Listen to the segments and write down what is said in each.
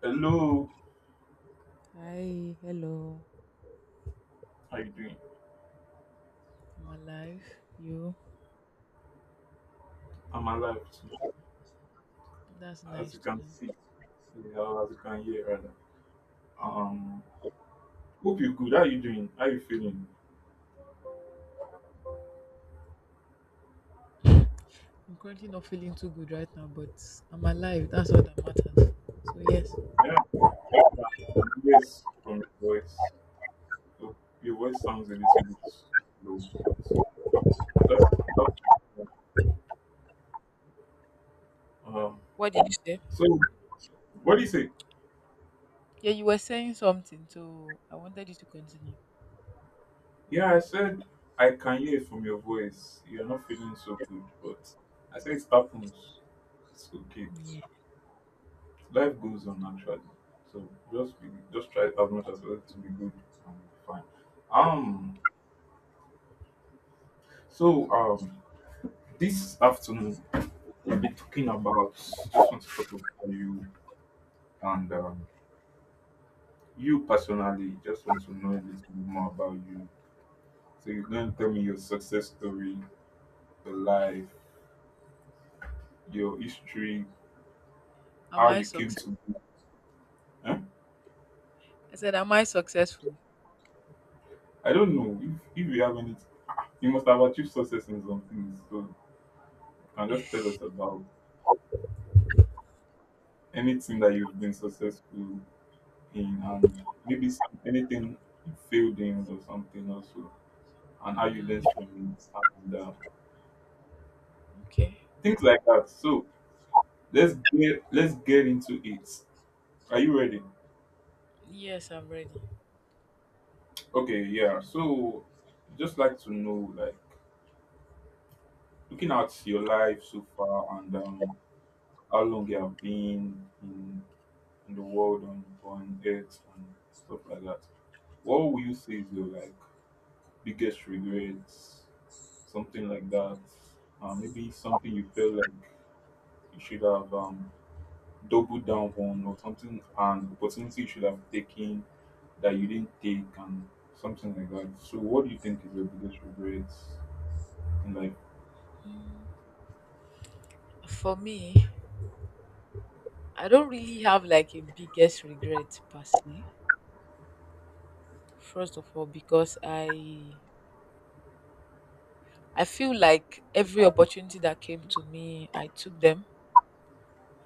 Hello, Hi, hello. how you doing? I'm alive. You? I'm alive too, That's as nice you to can know. see, yeah, or as you can hear rather. Um, Hope you good. How you doing? How you feeling? I'm currently not feeling too good right now, but I'm alive. That's all that matters. So, yes. Yeah, I can hear from your voice. So your voice sounds a little bit low, but so, um, What did you say? so what do you say? Yeah, you were saying something, so I wanted you to continue. Yeah, I said I can hear from your voice. You're not feeling so good, but I said it happens. It's okay. Yeah. Life goes on actually. So just be, just try as much as well to be good and be fine. Um so this afternoon we'll be talking about just want to talk about you and you personally just want to know a little bit more about you. So you're going to tell me your success story, your life, your history, Am how I you came to successful? be. Huh? I said, am I successful? I don't know if you have any you must have achieved success in some things. So you can just tell us about anything that you've been successful in and maybe some, anything you failed in or something also and how you Mm, learned from it and okay. things like that so let's get into it are you ready? Yes, I'm ready. Okay, yeah, so just like to know like looking at your life so far and how long you have been in the world on earth and stuff like that, what will you say is your like biggest regrets, something like that. Maybe something you felt like you should have doubled down on, or something, an opportunity you should have taken that you didn't take, and something like that. So, what do you think is your biggest regrets in life? For me, I don't really have like a biggest regret per se. First of all, because I feel like every opportunity that came to me, I took them.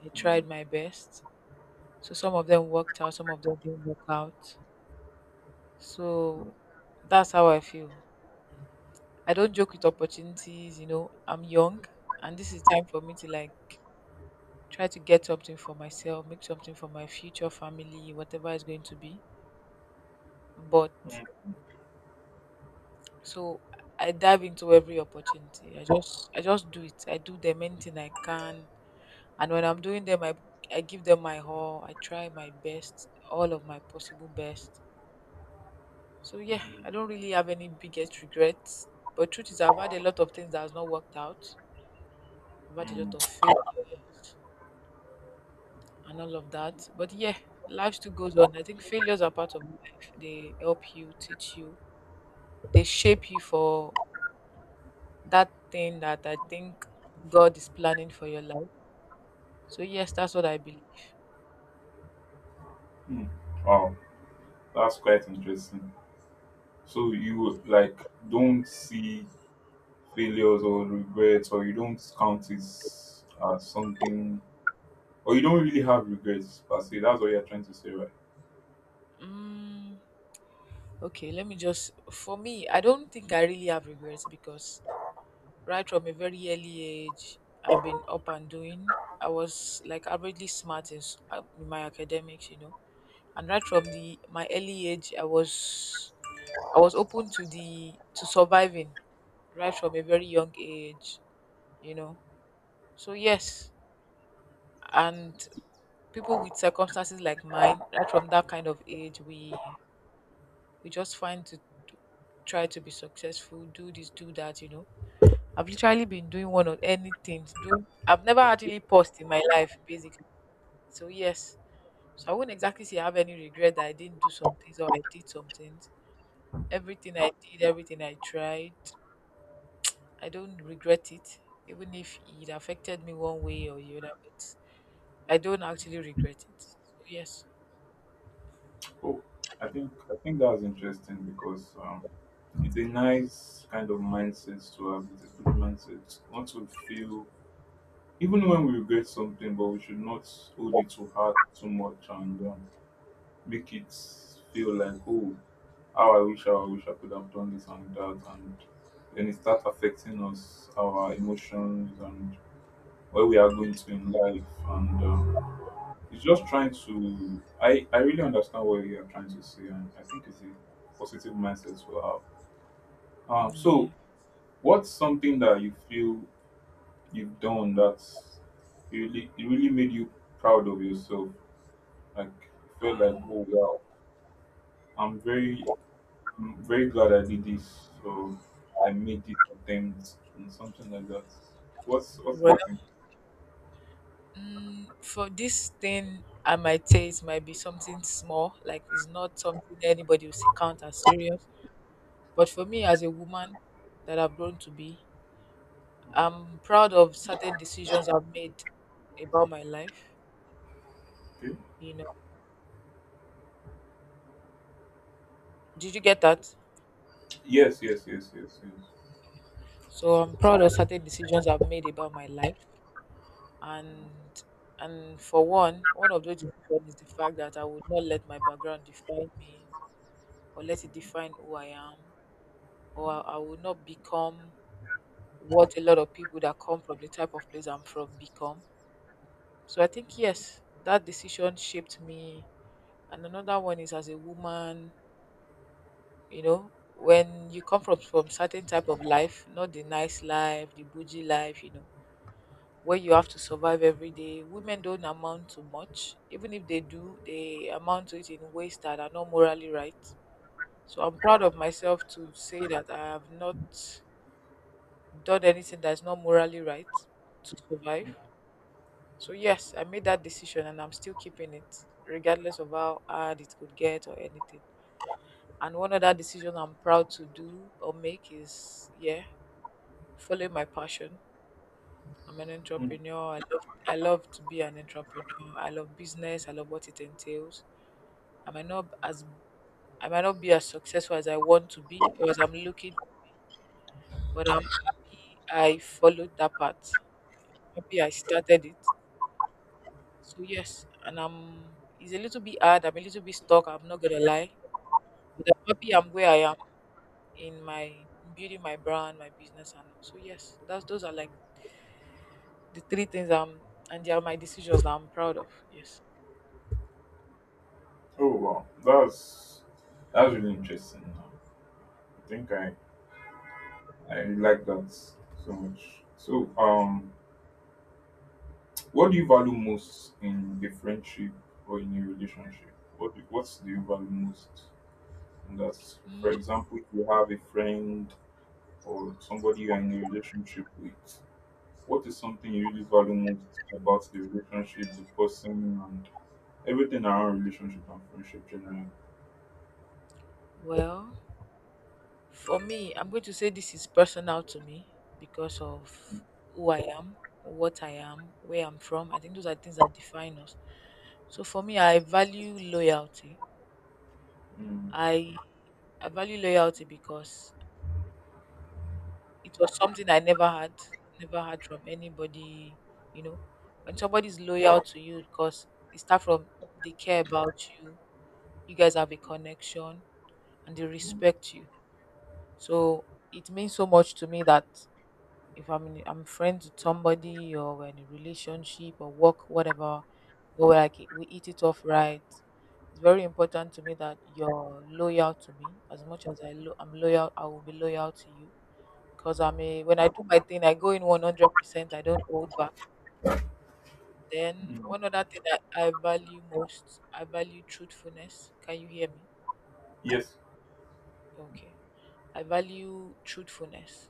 I Mm, tried my best. So some of them worked out, some of them didn't work out. mm, So that's how I feel. I don't joke with opportunities. I'm young, and this is time for me to like try to get something for myself, make something for my future family, whatever it's going to be. But so I dive into every opportunity. I just do it. I do them, anything I can. And when I'm doing them, I give them my all. I try my best, all of my possible best. So yeah, I don't really have any biggest regrets, but truth is I've had a lot of things that has not worked out. I've had a mm, lot of failures and all of that. But yeah, life still goes on. I think failures are part of life. They help you, teach you. They shape you for that thing that I think God is planning for your life. So yes, that's what I believe. mm. Wow, that's quite interesting. So, you like don't see failures or regrets, or you don't count it as something or you don't really have regrets per se. That's what you're trying to say, right? mm, Okay, let me just. For me, I don't think I really have regrets because right from a very early age, I've been up and doing. I was like averagely smart in, in my academics. And right from the my early age, I was open to surviving right from a very young age, you know. So yes, and people with circumstances like mine, right from that kind of age, we just find to try to be successful, do this, do that. I've literally been doing one or anything to do. I've never actually paused in my life, basically. So yes, so I wouldn't exactly say I have any regret that I didn't do some things or I did some things. Everything I did, everything I tried, I don't regret it, even if it affected me one way or the other. But I don't actually regret it. So yes. Oh, I think that's interesting because it's a nice kind of mindset to have. It's a good mindset not to feel even when we regret something, but we should not hold it too hard, too much, and make it feel like, oh, how I wish I could have done this and that, and then it start affecting us, our emotions, and where we are going to in life, and. It's just trying to. I really understand what you are trying to say, and I think it's a positive mindset to have. So Yeah. what's something that you feel you've done that really it really made you proud of yourself? Like you felt like, oh wow, I'm very I'm very glad I did this, or I made this attempt, and something like that. What's Well, that thing? For this thing, I might say it might be something small, like it's not something anybody will count as serious. But for me, as a woman that I've grown to be, Mm. I'm proud of certain decisions I've made about my life. Okay. You know, did you get that? Yes, yes, yes, yes, So I'm proud of certain decisions I've made about my life, and for one of those decisions is the fact that I would not let my background define me, or let it define who I am, or I will not become what a lot of people that come from the type of place I'm from become. So I think, yes, that decision shaped me. And another one is, as a woman, you know, when you come from certain type of life, not the nice life, the bougie life, where you have to survive every day. Women don't amount to much. Even if they do, they amount to it in ways that are not morally right. So I'm proud of myself to say that I have not done anything that's not morally right to survive. So yes, I made that decision and I'm still keeping it, regardless of how hard it could get or anything. And one other decision I'm proud to do or make is, yeah, follow my passion. I'm an yes. entrepreneur. I love to be an entrepreneur. I love business. I love what it entails. I might not as I might not be as successful as I want to be or as I'm looking, but I'm happy I followed that path. Happy I started it. So yes, and I'm it's a little bit hard. I'm a little bit stuck. I'm not gonna lie. But I'm happy I'm where I am. In my Building my brand, my business, and all. So yes, that's those are like the three things I'm, and they are my decisions that I'm proud of. Yes. Oh wow, that's really interesting. I think I like that so much. So what do you value most in a friendship or in a relationship? What do you value most? And that's, Mm, for example, if you have a friend or somebody you're in a relationship with, what is something you really value most about the relationship, the person, and everything around relationship and friendship generally? Well, for me, I'm going to say this is personal to me because of who I am, what I am, where I'm from. I think those are things that define us. So for me, I value loyalty. Mm, I I value loyalty because it was something I never had, never had from anybody, you know. When somebody's loyal to you because it start from they care about you, you guys have a connection and they mm, respect you. So it means so much to me that if I'm in, I'm friends with somebody or we're in a relationship or work, whatever, or we're like we eat it off right. It's very important to me that you're loyal to me. As much as I'm loyal, I will be loyal to you because I'm a when I do my thing, I go in 100%. I don't hold back. Then mm. one other thing that I value most, I value truthfulness. Can you hear me? Yes. Okay. I value truthfulness.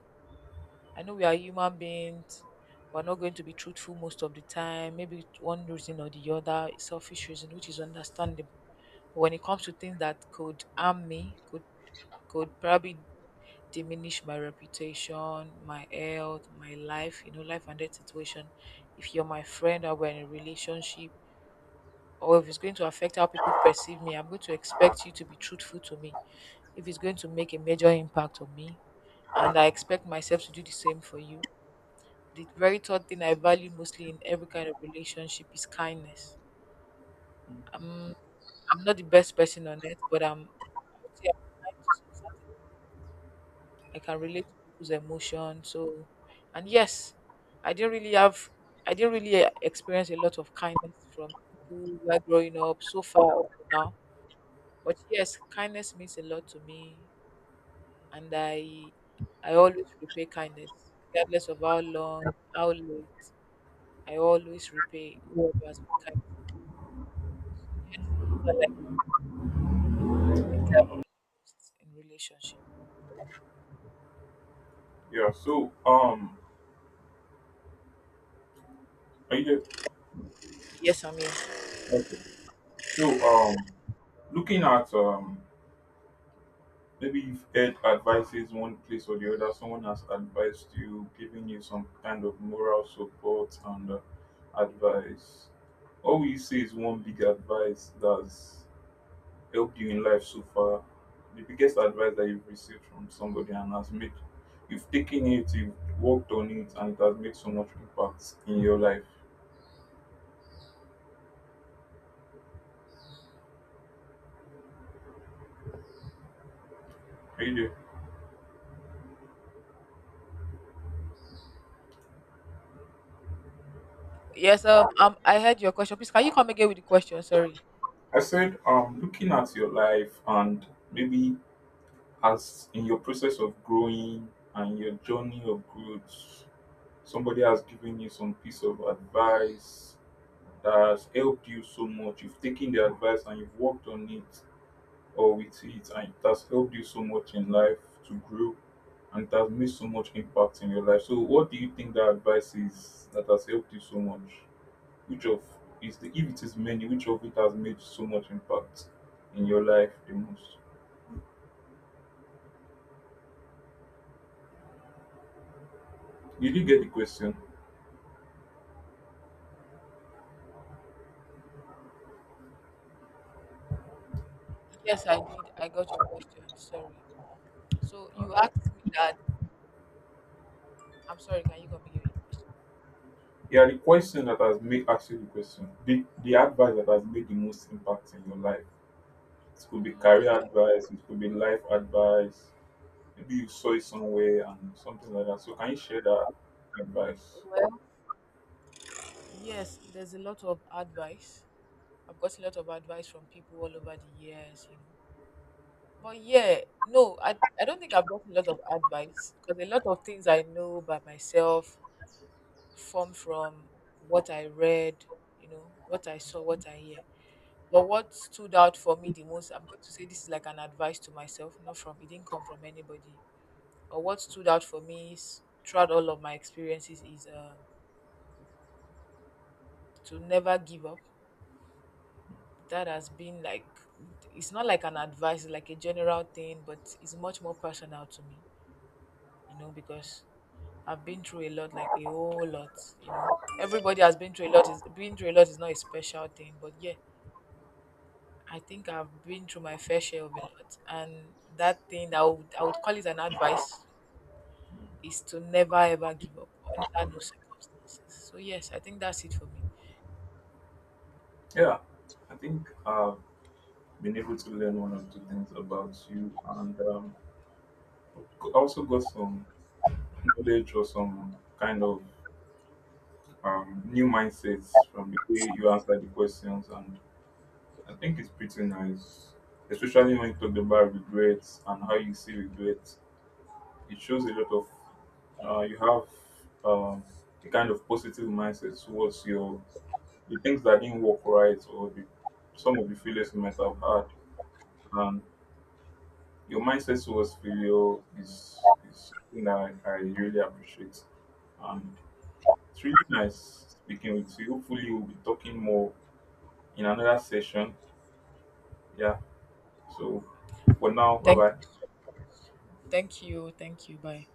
I know we are human beings. We're not going to be truthful most of the time. Maybe it's one reason or the other, it's selfish reason, which is understandable. But when it comes to things that could harm me, could probably diminish my reputation, my health, my life, life and death situation. If you're my friend or we're in a relationship, or if it's going to affect how people perceive me, I'm going to expect you to be truthful to me. If it's going to make a major impact on me, and I expect myself to do the same for you. The very third thing I value mostly in every kind of relationship is kindness. I'm, I'm not the best person on earth, but I would say I'm kind to some certain I can relate to people's emotions. So, and yes, I didn't really have, I didn't really experience a lot of kindness from people while growing up so far up to now. But yes, kindness means a lot to me, and I always repay kindness, regardless of how long, how late. I always repay whoever has been kind. These are like things I value most in relationship. Yeah. Are you there? Yes, I mean, Okay. So, um, Looking at maybe you've heard advices one place or the other. Someone has advised you, giving you some kind of moral support and advice. What will you say is one big advice that's helped you in life so far? The biggest advice that you've received from somebody and has made you've taken it, you've worked on it, and it has made so much impact in your life. Are you there? yes. I heard your question. Please, can you come again with the question? Sorry. I said, looking at your life and maybe as in your process of growing and your journey of growth, somebody has given you some piece of advice that has helped you so much. You've taken the advice and you've worked on it or with it, and it has helped you so much in life to grow and it has made so much impact in your life. So, what do you think that advice is that has helped you so much? Which of is the if it is many, which of it has made so much impact in your life the most? Did you get the question? Yes, I did. I got your question. Sorry. So you Alright. asked me that. I'm sorry. Can you come again? Yeah, the question that has made actually the question. The advice that has made the most impact in your life. It could be Mm, career okay, advice, it could be life advice. Maybe you saw it okay. somewhere and something like that. So can you share that advice? Well, yes, there's a lot of advice. I've got a lot of advice from people all over the years. But yeah, no, I don't think I've got a lot of advice because a lot of things I know by myself form from what I read, what I saw, what I hear. But what stood out for me the most, I'm going to say this is like an advice to myself, not from, it didn't come from anybody, or what stood out for me is, throughout all of my experiences is to never give up. That has been like it's not like an advice, it's like a general thing, but it's much more personal to me, because I've been through a lot, like a whole lot. You know, Everybody has been through a lot. Is been through a lot is not a special thing, but yeah, I think I've been through my fair share of a lot, and that thing that I would call it an advice is to never ever give up under no circumstances. So yes, I think that's it for me. Yeah. I think I've been able to learn one or two things about you and also got some knowledge or some kind of new mindsets from the way you answer the questions. And I think it's pretty nice, especially when you talk about regrets and how you see regrets. It shows a lot of, you have um, a kind of positive mindset towards your, the things that didn't work right or the, some of the failures you might have had. And your mindset towards failure is something that I really appreciate. And it's really nice speaking with you. Hopefully, we'll be talking more in another session. Yeah. So for now, bye Thank, bye. thank you, thank you. Bye.